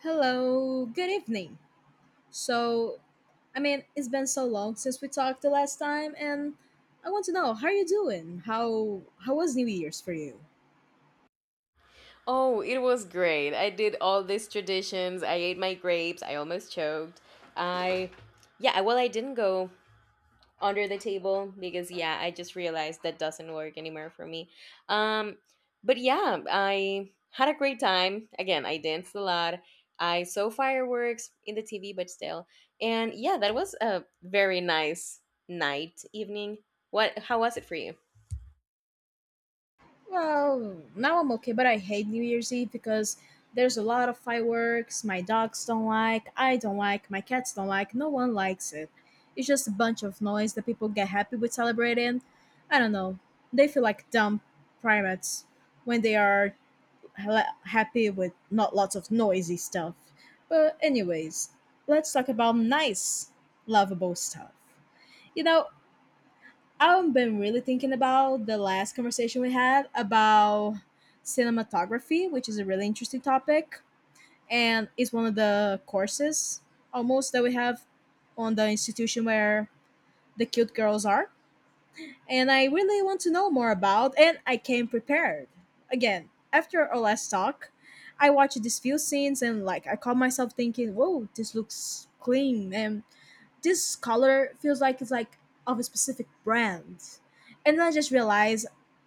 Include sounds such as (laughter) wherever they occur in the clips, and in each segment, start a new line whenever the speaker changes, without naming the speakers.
Hello, good evening. So, it's been so long since we talked the last time, and I want to know, how are you doing? How was New Year's for you?
Oh, it was great. I did all these traditions. I ate my grapes. I almost choked. I, yeah, I- well, I didn't go under the table because, yeah, I just realized that doesn't work anymore for me. Um, I had a great time. Again, I danced a lot. I saw fireworks in the TV, but still. And yeah, that was a very nice night, evening. How was it for you?
Well, now I'm okay, but I hate New Year's Eve because there's a lot of fireworks. My dogs don't like, I don't like, my cats don't like, no one likes it. It's just a bunch of noise that people get happy with celebrating. I don't know. They feel like dumb primates when they are happy with not lots of noisy stuff. But anyways, let's talk about nice, lovable stuff. You know, I've been really thinking about the last conversation we had about cinematography, which is a really interesting topic, and it's one of the courses almost that we have on the institution where the cute girls are, and I really want to know more about, and I came prepared. Again, after our last talk, I watched these few scenes, and like, I caught myself thinking, whoa, this looks clean, and this color feels like it's like of a specific brand. And then I just realized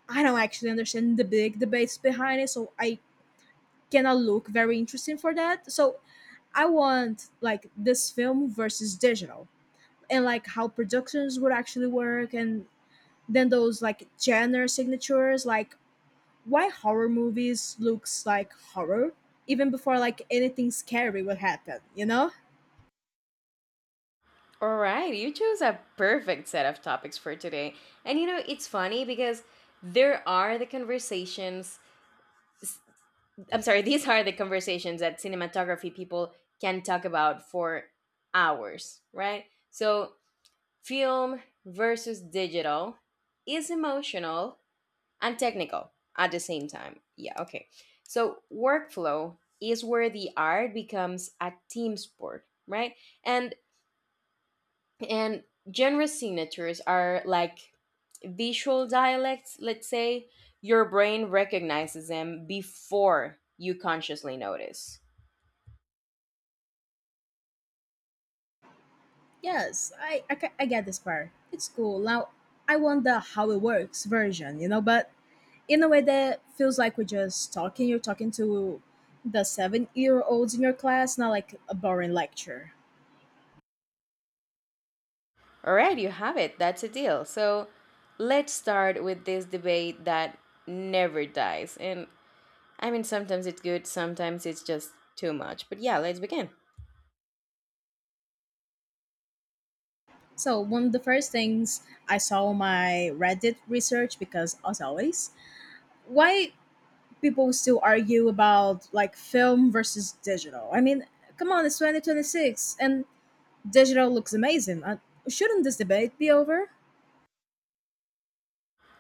I don't actually understand the big debates behind it, so I cannot look very interesting for that. So I want like this film versus digital, and like how productions would actually work, and then those like genre signatures, like why horror movies looks like horror even before like anything scary will happen. You know?
All right, you chose a perfect set of topics for today. And you know, it's funny because there are the conversations, s- I'm sorry, (laughs) these are the conversations that cinematography people can talk about for hours, right? So, film versus digital is emotional and technical at the same time. Yeah, okay. So, workflow is where the art becomes a team sport, right? And and genre signatures are like visual dialects, let's say. Your brain recognizes them before you consciously notice.
Yes, I I get this part. It's cool. Now I want the how it works version. You know, but in a way that feels like we're just talking. You're talking to the 7-year olds in your class, not like a boring lecture.
All right, you have it. That's a deal. So let's start with this debate that never dies. And I mean, sometimes it's good, sometimes it's just too much, but yeah, let's begin.
So one of the first things I saw on my Reddit research, because as always, why people still argue about like film versus digital. I mean, come on, it's 2026 and digital looks amazing. Shouldn't this debate be over?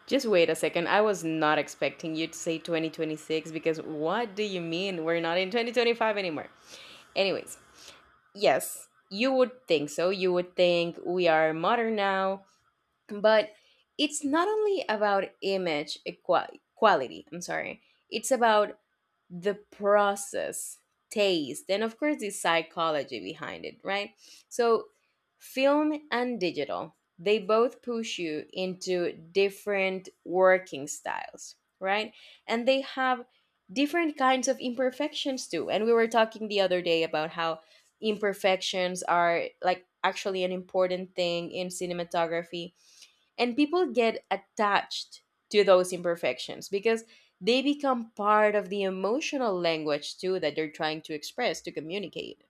Just wait a second, I was not expecting you to say 2026, because what do you mean we're not in 2025 anymore? Anyways, yes, you would think so. You would think we are modern now, but it's not only about image equa- quality. I'm sorry. It's about the process, taste, and of course the psychology behind it, right? So, film and digital, they both push you into different working styles, right? And they have different kinds of imperfections too. And we were talking the other day about how imperfections are like actually an important thing in cinematography, and people get attached to those imperfections because they become part of the emotional language too that they're trying to express, to communicate.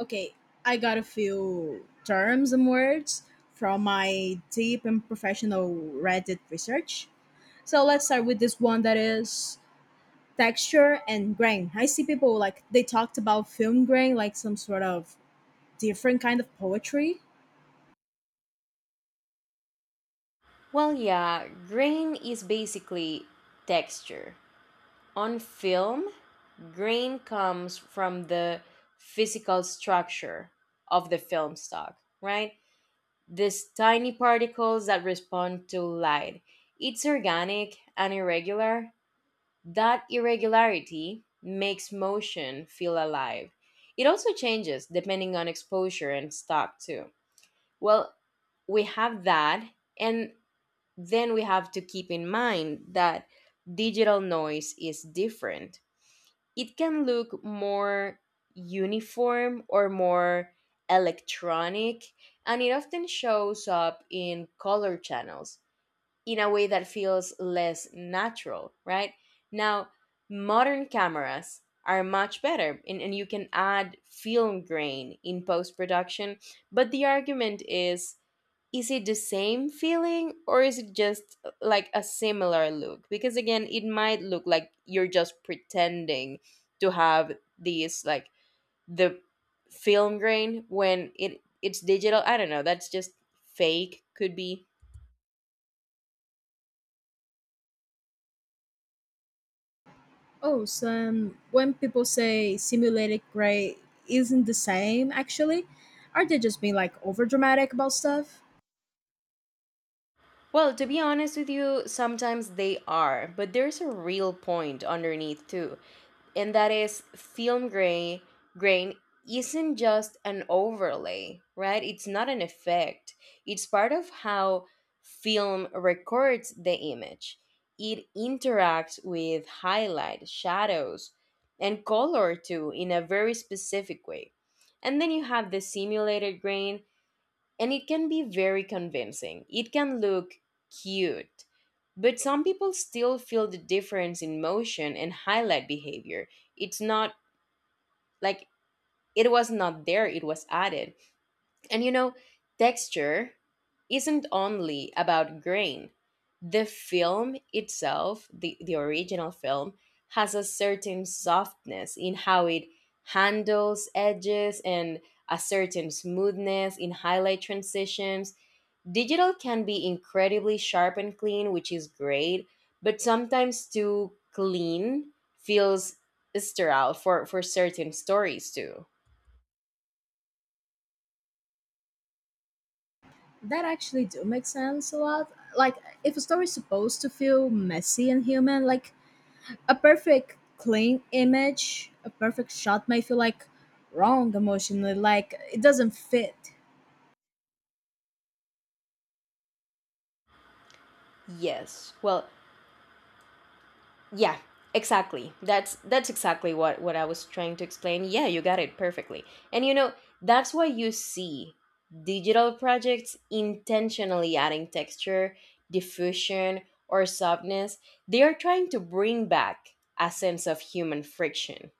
Okay, I got a few terms and words from my deep and professional Reddit research. So let's start with this one that is texture and grain. I see people like they talked about film grain like some sort of different kind of poetry.
Well, yeah, grain is basically texture on film. Grain comes from the physical structure of the film stock, right? These tiny particles that respond to light. It's organic and irregular. That irregularity makes motion feel alive. It also changes depending on exposure and stock, too. Well, we have that, and then we have to keep in mind that digital noise is different. It can look more uniform or more electronic, and it often shows up in color channels in a way that feels less natural, right? Now, modern cameras are much better, and you can add film grain in post production, but the argument is it the same feeling or is it just like a similar look? Because again, it might look like you're just pretending to have these like the film grain when it's digital. I don't know, that's just fake, could be.
Oh, so when people say simulated gray isn't the same, actually, are they just being like over dramatic about stuff?
Well, to be honest with you, sometimes they are, but there's a real point underneath too, and that is film grain isn't just an overlay, right? It's not an effect. It's part of how film records the image. It interacts with highlight, shadows, and color too in a very specific way. And then you have the simulated grain, and it can be very convincing. It can look cute, but some people still feel the difference in motion and highlight behavior. It's not like it was not there, it was added. And you know, texture isn't only about grain. The film itself, the original film, has a certain softness in how it handles edges and a certain smoothness in highlight transitions. Digital can be incredibly sharp and clean, which is great, but sometimes too clean feels sterile for certain stories too.
That actually do make sense a lot. Like, if a story's supposed to feel messy and human, like a perfect clean image, a perfect shot may feel like wrong emotionally. Like it doesn't fit.
Yes. Well, yeah, exactly. That's exactly what I was trying to explain. Yeah, you got it perfectly. And you know, that's why you see digital projects intentionally adding texture, diffusion, or softness. They are trying to bring back a sense of human friction.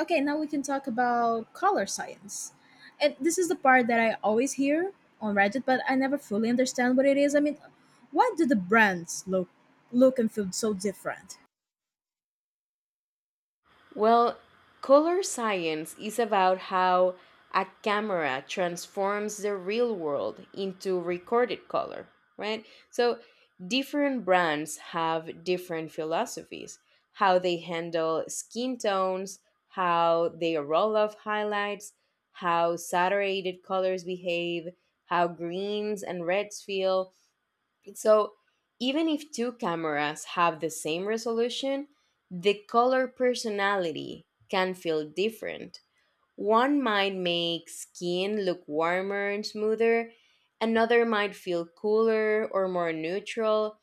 Okay, now we can talk about color science, and this is the part that I always hear on Reddit, but I never fully understand what it is. I mean, why do the brands look and feel so different?
Well, color science is about how a camera transforms the real world into recorded color, right? So, different brands have different philosophies: how they handle skin tones, how they roll off highlights, how saturated colors behave, how greens and reds feel. So even if two cameras have the same resolution, the color personality can feel different. One might make skin look warmer and smoother, another might feel cooler or more neutral,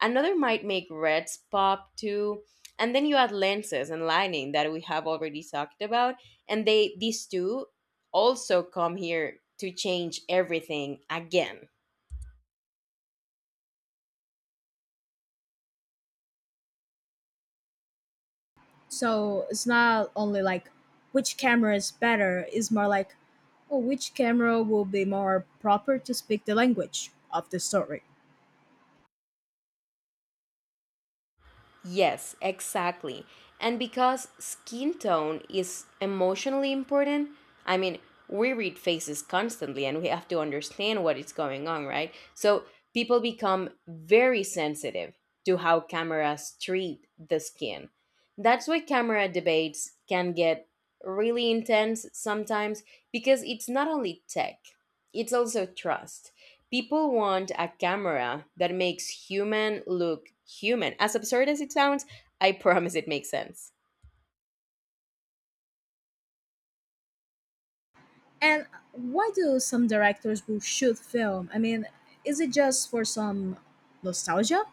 another might make reds pop too. And then you add lenses and lighting that we have already talked about, and they these two also come here to change everything again.
So it's not only like which camera is better, it's more like, oh, which camera will be more proper to speak the language of the story.
Yes, exactly. And because skin tone is emotionally important, I mean, we read faces constantly and we have to understand what is going on, right? So people become very sensitive to how cameras treat the skin. That's why camera debates can get really intense sometimes, because it's not only tech, it's also trust. People want a camera that makes human look human. As absurd as it sounds, I (laughs) promise it makes sense.
And why do some directors will shoot film? I mean, is it just for some nostalgia?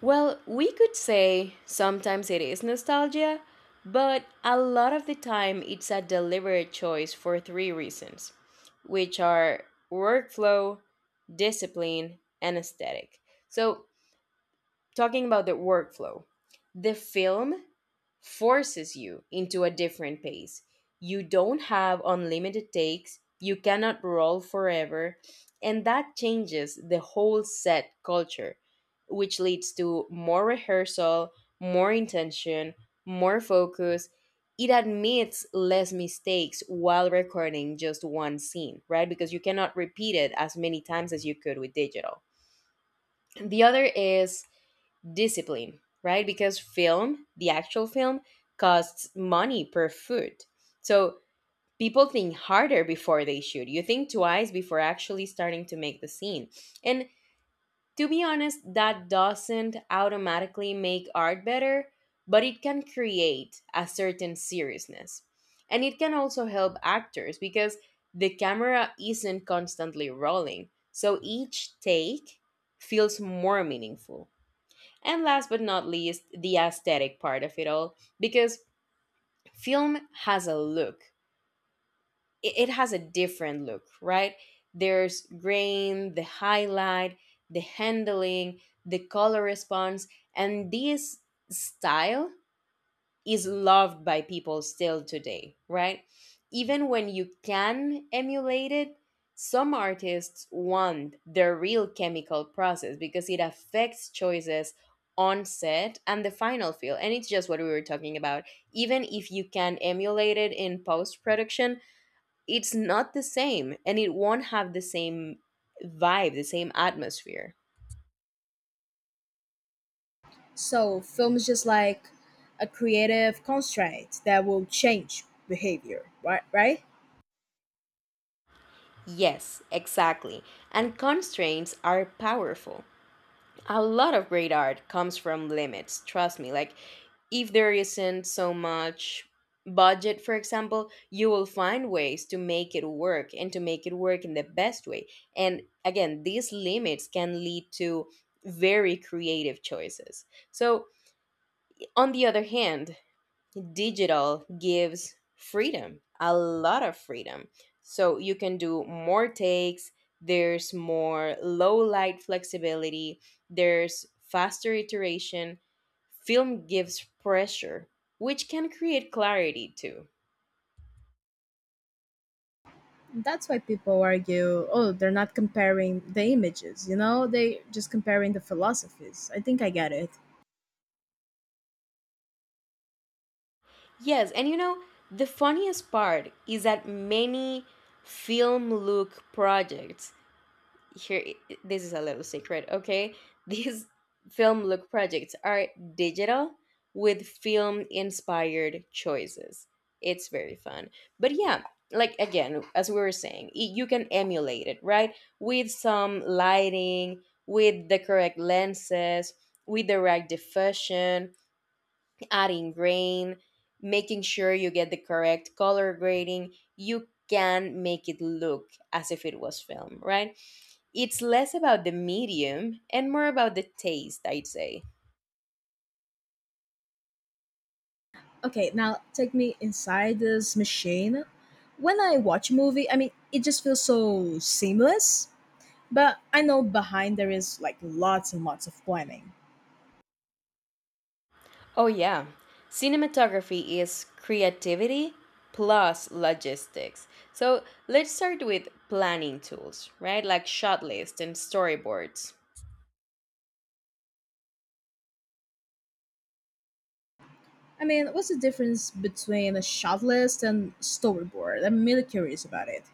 Well, we could say sometimes it is nostalgia, but a lot of the time it's a deliberate choice for three reasons, which are workflow, discipline, and aesthetic. So, talking about the workflow, the film forces you into a different pace. You don't have unlimited takes, you cannot roll forever, and that changes the whole set culture, which leads to more rehearsal, more intention, more focus. It admits less mistakes while recording just one scene, right? Because you cannot repeat it as many times as you could with digital. The other is discipline, right? Because film, the actual film, costs money per foot. So people think harder before they shoot. You think twice before actually starting to make the scene. And to be honest, that doesn't automatically make art better, but it can create a certain seriousness. And it can also help actors because the camera isn't constantly rolling. So each take feels more meaningful. And last but not least, the aesthetic part of it all, because film has a look. It has a different look, right? There's grain, the highlight, the handling, the color response, and this style is loved by people still today, right? Even when you can emulate it, some artists want the real chemical process because it affects choices on set and the final feel. And it's just what we were talking about. Even if you can emulate it in post production, it's not the same and it won't have the same vibe, the same atmosphere.
So film is just like a creative constraint that will change behavior, right? Right?
Yes, exactly. And constraints are powerful. A lot of great art comes from limits, trust me. Like, if there isn't so much budget, for example, you will find ways to make it work, and to make it work in the best way. And again, these limits can lead to very creative choices. So, on the other hand, digital gives freedom, a lot of freedom. So you can do more takes, there's more low light flexibility, there's faster iteration. Film gives pressure, which can create clarity too.
That's why people argue, oh, they're not comparing the images, you know? They just comparing the philosophies. I think I get it.
Yes, and you know, the funniest part is that many film look projects here, this is a little secret, okay, (laughs) these film look projects are digital with film inspired choices. It's very fun. But yeah, like again, as we were saying, you can emulate it, right? With some lighting, with the correct lenses, with the right diffusion, adding grain, making sure you get the correct color grading, you can make it look as if it was film, right? It's less about the medium and more about the taste, I'd say.
Okay, now take me inside this machine. When I watch a movie, I mean, it just feels so seamless, but I know behind there is like lots and lots of planning.
Oh, yeah. Cinematography is creativity plus logistics. So let's start with planning tools, right? Like shot lists and storyboards.
I mean, what's the difference between a shot list and storyboard? I'm really curious about it.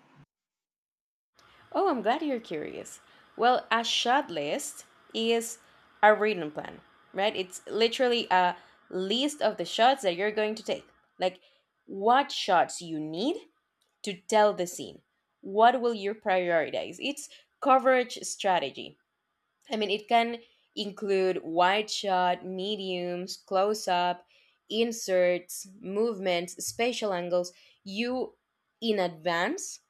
Oh, I'm glad you're curious. Well, a shot list is a written plan, right? It's literally a list of the shots that you're going to take. Like, what shots you need to tell the scene, what will you prioritize, it's coverage strategy. I mean, it can include wide shot, mediums, close up, inserts, movements, spatial angles. You, in advance,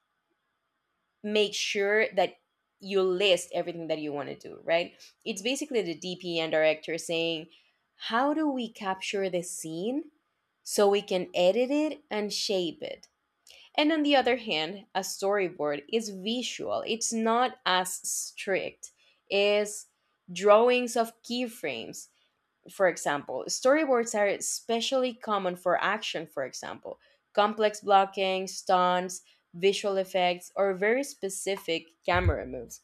make sure that you list everything that you want to do, right? It's basically the DP and director saying, how do we capture the scene so we can edit it and shape it. And on the other hand, a storyboard is visual. It's not as strict. It's drawings of keyframes. For example, storyboards are especially common for action, for example, complex blocking, stunts, visual effects, or very specific camera moves.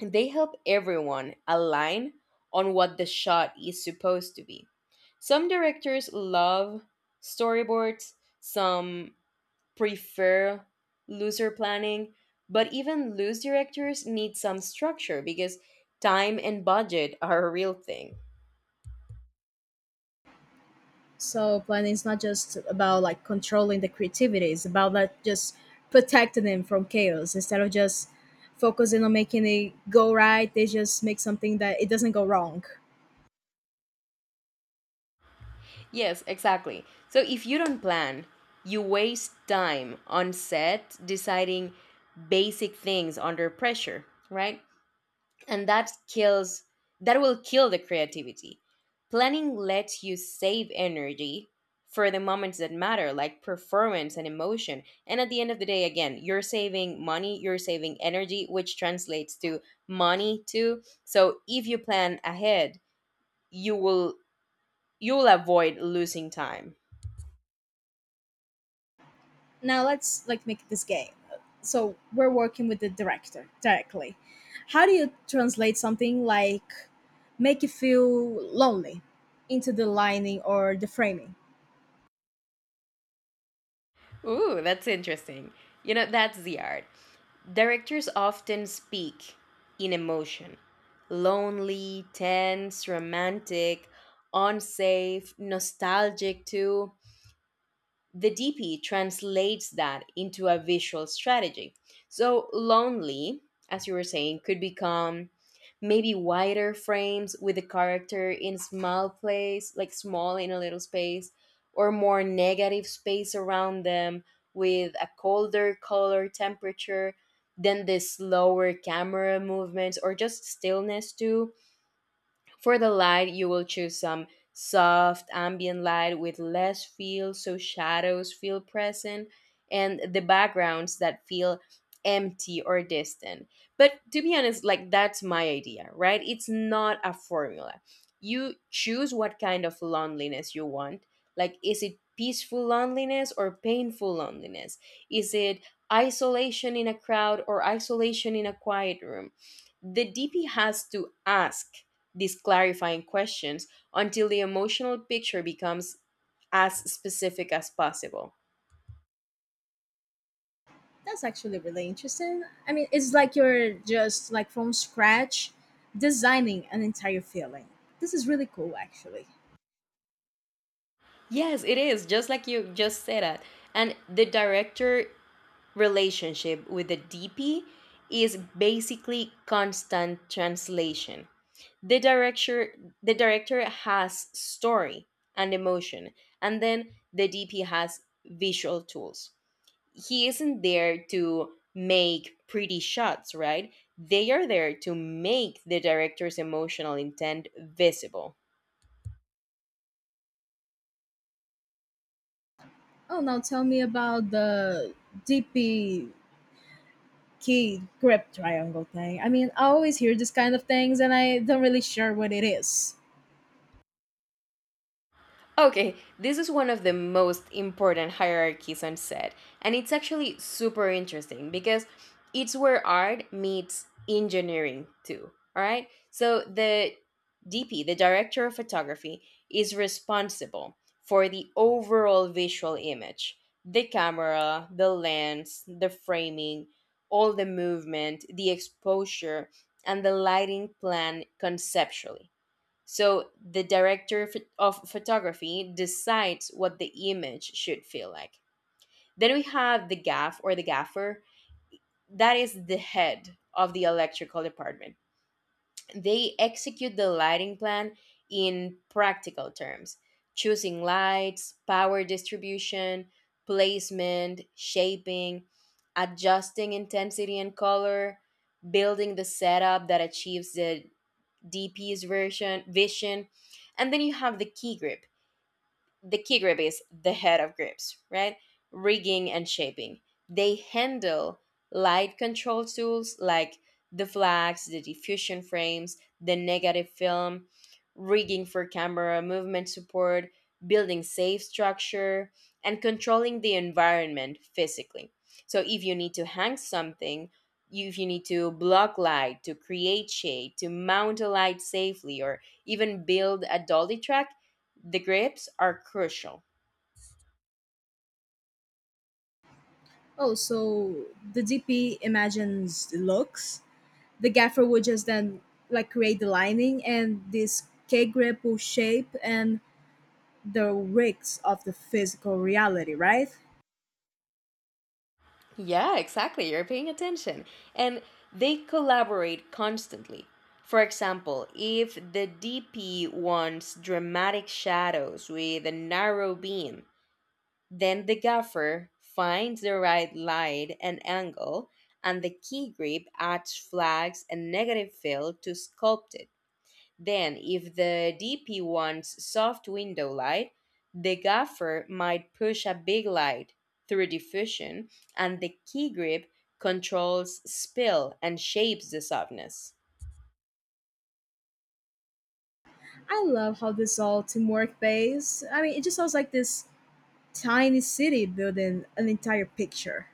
They help everyone align on what the shot is supposed to be. Some directors love storyboards, some prefer looser planning, but even loose directors need some structure because time and budget (laughs) are a real thing.
So planning is not just about like controlling the creativity. It's about like just protecting them from chaos instead of just focusing on making it go right. They just make something that it doesn't go wrong.
Yes, exactly. So if you don't plan, you waste time on set deciding basic things under pressure, right? And that will kill the creativity. Planning lets you save energy for the moments that matter, like performance and emotion. And at the end of the day, again, you're saving money, you're saving energy, which translates to money too. So if you plan ahead, you will you will avoid losing time.
Now let's like make this game. So we're working with the director directly. How do you translate something like make you feel lonely into the lining or the framing?
Ooh, that's interesting. You know, that's the art. Directors often speak in emotion: lonely, tense, romantic, unsafe, nostalgic, too. The DP translates that into a visual strategy. So lonely, as you were saying, could become maybe wider frames with the character in small place, like small in a little space, or more negative space around them with a colder color temperature, then the slower camera movements or just stillness too. For the light, you will choose some soft ambient light with less feel so shadows feel present and the backgrounds that feel empty or distant. But to be honest, like that's my idea, right? It's not a formula. You choose what kind of loneliness you want. Like, is it peaceful loneliness or painful loneliness? Is it isolation in a crowd or isolation in a quiet room? The DP has to ask these clarifying questions until the emotional picture becomes as specific as possible.
That's actually really interesting. I mean, it's like you're just like from scratch designing an entire feeling. This is really cool, actually.
Yes, it is, just like you just said that. And the director relationship with the DP is basically constant translation. The director the director has story and emotion, and then the DP has visual tools. He isn't there to make pretty shots, right? They are there to make the director's emotional intent visible.
Oh, now tell me about the DP key grip triangle thing. I mean, I always hear this kind of things and I don't really sure what it is.
Okay, this is one of the most important hierarchies on set, and it's actually super interesting because it's where art meets engineering too. All right, so the DP, the director of photography, is responsible for the overall visual image: the camera, the lens, the framing, all the movement, the exposure, and the lighting plan conceptually. So the of photography decides what the image should feel like. Then we have the gaff or the gaffer, that is the head of the electrical department. They execute the lighting plan in practical terms, choosing lights, power distribution, placement, shaping, adjusting intensity and color, building the setup that achieves the DP's version vision. And then you have the key grip. The key grip is the head of grips, right? Rigging and shaping. They handle light control tools like the flags, the diffusion frames, the negative film, rigging for camera movement support, building safe structure, and controlling the environment physically. So if you need to hang something, if you need to block light, to create shade, to mount a light safely, or even build a dolly track, the grips are crucial.
Oh, so the DP imagines the looks. The gaffer would just then like create the lining, and this K grip will shape and the risks of the physical reality, right?
Yeah, exactly. You're paying attention. And they collaborate constantly. For example, if the DP wants dramatic shadows with a narrow beam, then the gaffer finds the right light and angle, and the key grip adds flags and negative fill to sculpt it. Then, if the DP wants soft window light, the gaffer might push a big light through diffusion, and the key grip controls spill and shapes the softness.
I love how this all teamwork based. I mean, it just sounds like this tiny city building an entire picture.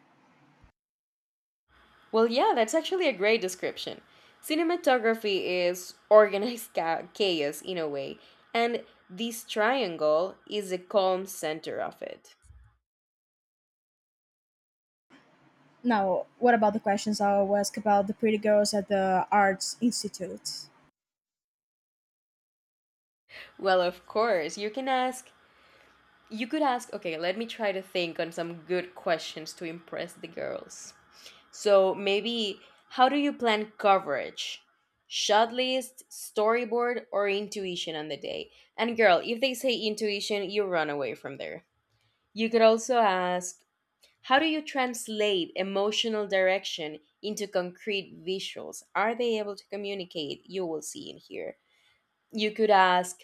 Well, yeah, that's actually a great description. Cinematography is organized (laughs) chaos in a way, and this triangle is the calm center of it.
Now, what about the questions I will ask about the pretty girls at the Arts Institute?
Well, of course, you can ask. You could ask, okay, let me try to think on some good questions to impress the girls. So maybe, how do you plan coverage? Shot list, storyboard, or intuition on the day? And girl, if they say intuition, you run away from there. You could also ask, how do you translate emotional direction into concrete visuals? Are they able to communicate? You will see in here. You could ask,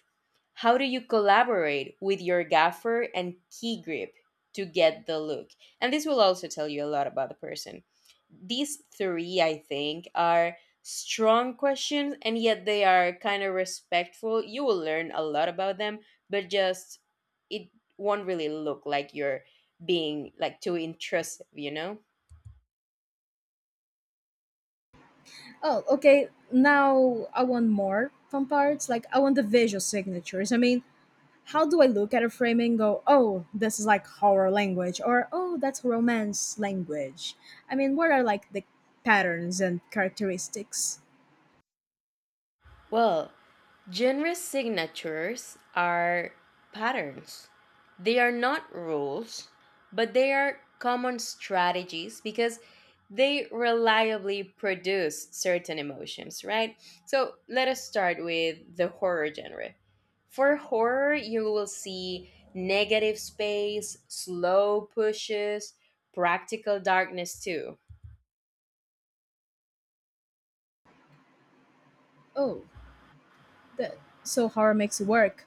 how do you collaborate with your gaffer and key grip to get the look? And this will also tell you a lot about the person. These three, I think, are strong questions and yet they are kind of respectful. You will learn a lot about them, but just it won't really look like you're being like too intrusive, you know?
Oh, okay. Now I want more fun parts. Like I want the visual signatures. I mean, how do I look at a frame and go, oh, this is like horror language, or oh, that's romance language? I mean, what are like the patterns and characteristics?
Well, genre signatures are patterns. They are not rules, but they are common strategies because they reliably produce certain emotions, right? So let us start with the horror genre. For horror, you will see negative space, slow pushes, practical darkness too.
Oh, that, so horror makes it work.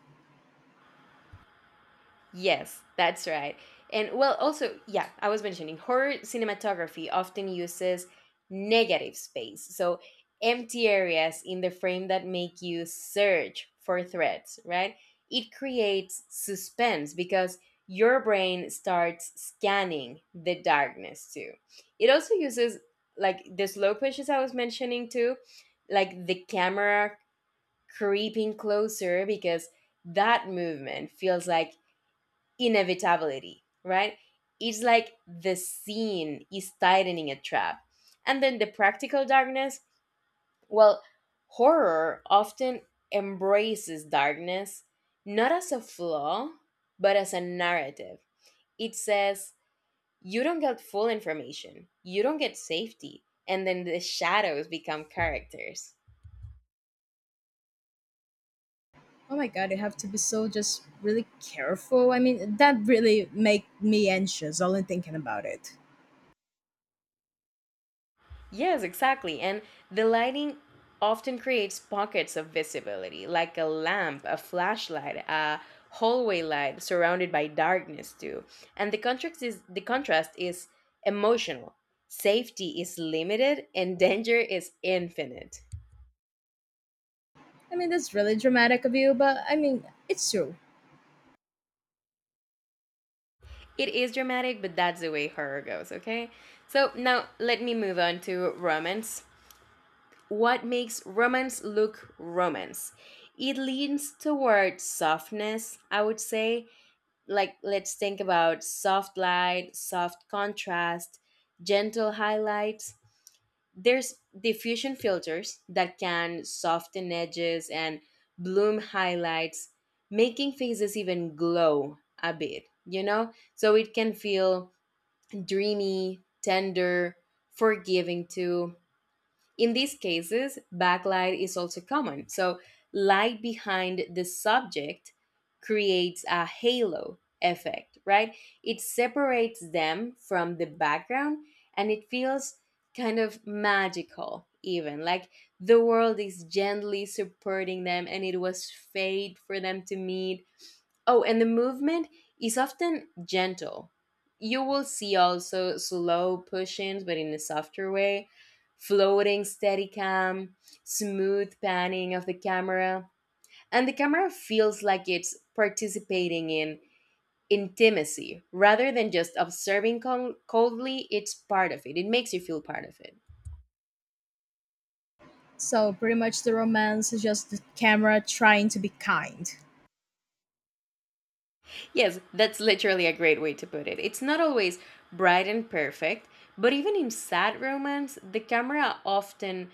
Yes, that's right. And well, also, yeah, I was mentioning horror cinematography often uses negative space. So, empty areas in the frame that make you search for threats, right? It creates suspense because your brain starts scanning the darkness too. It also uses like the slow pushes I was mentioning too, like the camera creeping closer because that movement feels like inevitability, right? It's like the scene is tightening a trap. And then the practical darkness, well, horror often embraces darkness not as a flaw, but as a narrative. It says, you don't get full information, you don't get safety, and then the shadows become characters.
Oh my god, you have to be so just really careful. I mean, that really make me anxious only thinking about it.
Yes, exactly. And the lighting often creates pockets of visibility, like a lamp, a flashlight, a hallway light surrounded by darkness too. And the contrast is emotional. Safety is limited and (laughs) danger is infinite.
I mean, that's really dramatic of you, but I mean, it's true.
It is dramatic, but that's the way horror goes, okay? So now let me move on to romance. What makes romance look romance? It leans toward softness, I would say, like let's think about soft light, soft contrast, gentle highlights. There's diffusion filters that can soften edges and bloom highlights, making faces even glow a bit, you know? So it can feel dreamy, tender, forgiving too. In these cases, backlight is also common. So, light behind the subject creates a halo effect, right? It separates them from the background and it feels kind of magical, even like the world is gently supporting them and it was fate for them to meet. Oh, and the movement is often gentle. You will see also slow push ins, but in a softer way, floating steady cam, smooth panning of the camera. And the camera feels like it's participating in intimacy rather than just observing coldly. It's part of it, it makes you feel part of it.
So pretty much the romance is just the camera trying to be kind.
Yes, that's literally a great way to put it. It's not always bright and perfect, but even in sad romance, the camera often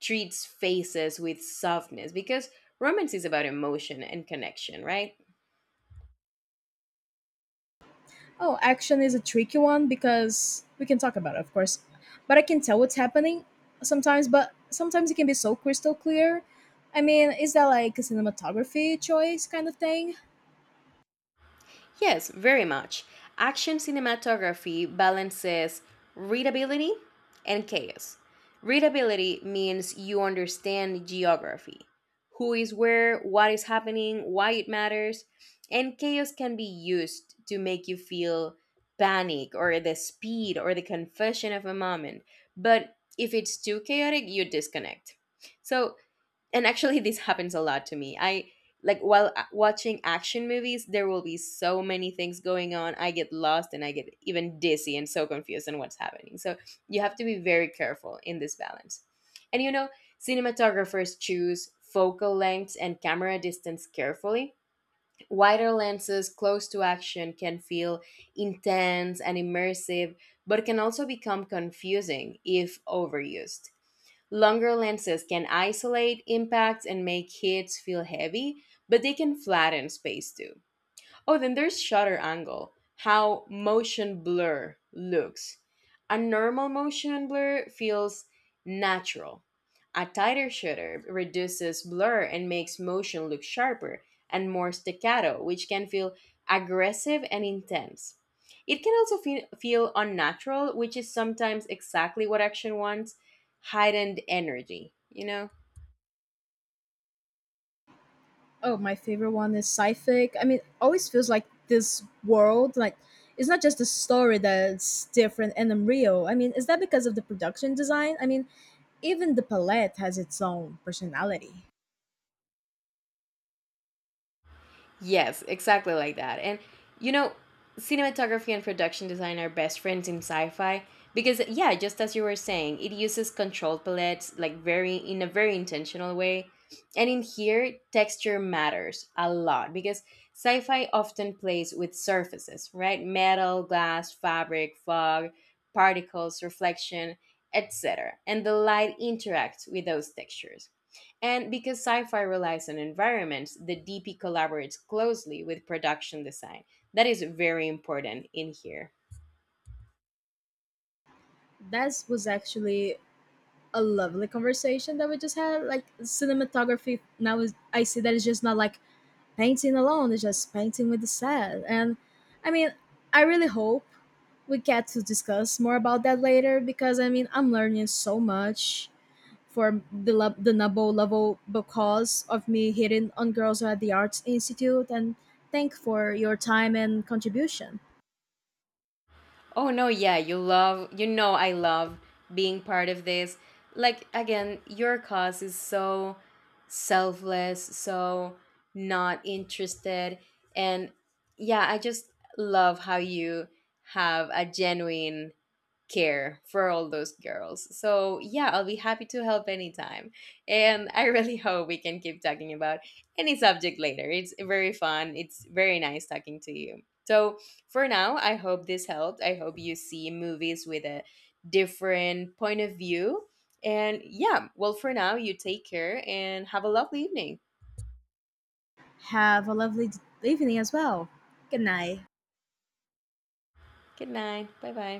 treats faces with softness because romance is about emotion and connection, right?
Oh, action is a tricky one because we can talk about it, of course. But I can tell what's happening sometimes, but sometimes it can be so crystal clear. I mean, is that like a cinematography choice kind of thing?
Yes, very much. Action cinematography balances readability and chaos. Readability means you understand geography: who is where, what is happening, why it matters. And chaos can be used to make you feel panic or the speed or the confession of a moment. But if it's too chaotic, you disconnect. So, and actually this happens a lot to me. I like while watching action movies, there will be so many things going on, I get lost and I get even dizzy and so confused on what's happening. So you have to be very careful in this balance. And you know, cinematographers choose focal lengths and camera distance carefully. Wider lenses close to action can feel intense and immersive, but can also become confusing if overused. Longer lenses can isolate impacts and make hits feel heavy, but they can flatten space too. Oh, then there's shutter angle, how motion blur looks. A normal motion blur feels natural. A tighter shutter reduces blur and makes motion look sharper and more staccato, which can feel aggressive and intense. It can also feel unnatural, which is sometimes exactly what action wants, heightened energy, you know?
Oh, my favorite one is sci-fic. I mean, always feels like this world, like it's not just the story that's different and unreal. I mean, is that because of the production design? I mean, even the palette has its own personality.
Yes, exactly like that. And you know, cinematography and production design are best friends in sci-fi because, yeah, just as you were saying, it uses controlled palettes like very in a very intentional way. And in here, texture matters a lot because sci-fi often plays with surfaces, right? Metal, glass, fabric, fog, particles, reflection, etc. And the light interacts with those textures, and because sci fi relies on environments, the DP collaborates closely with production design. That is very important in here.
That was actually a lovely conversation that we just had. Like, cinematography now is, I see that it's just not like painting alone, it's just painting with the set. And I mean, I really hope we get to discuss more about that later, because I mean, I'm learning so much for the the Nabo level because of me hitting on girls at the Arts Institute, and thank for your time and contribution.
Oh no, yeah, you love, you know, I love being part of this. Like, again, your cause is so selfless, so not interested. And yeah, I just love how you have a genuine care for all those girls. So, yeah, I'll be happy to help anytime. And I really (laughs) hope we can keep talking about any subject later. It's very fun. It's very nice talking to you. So, for now, I hope this helped. I hope you see movies with a different point of view. And yeah, well, for now, you take care and have a lovely evening.
Have a lovely evening as well. Good night.
Good night. Bye bye.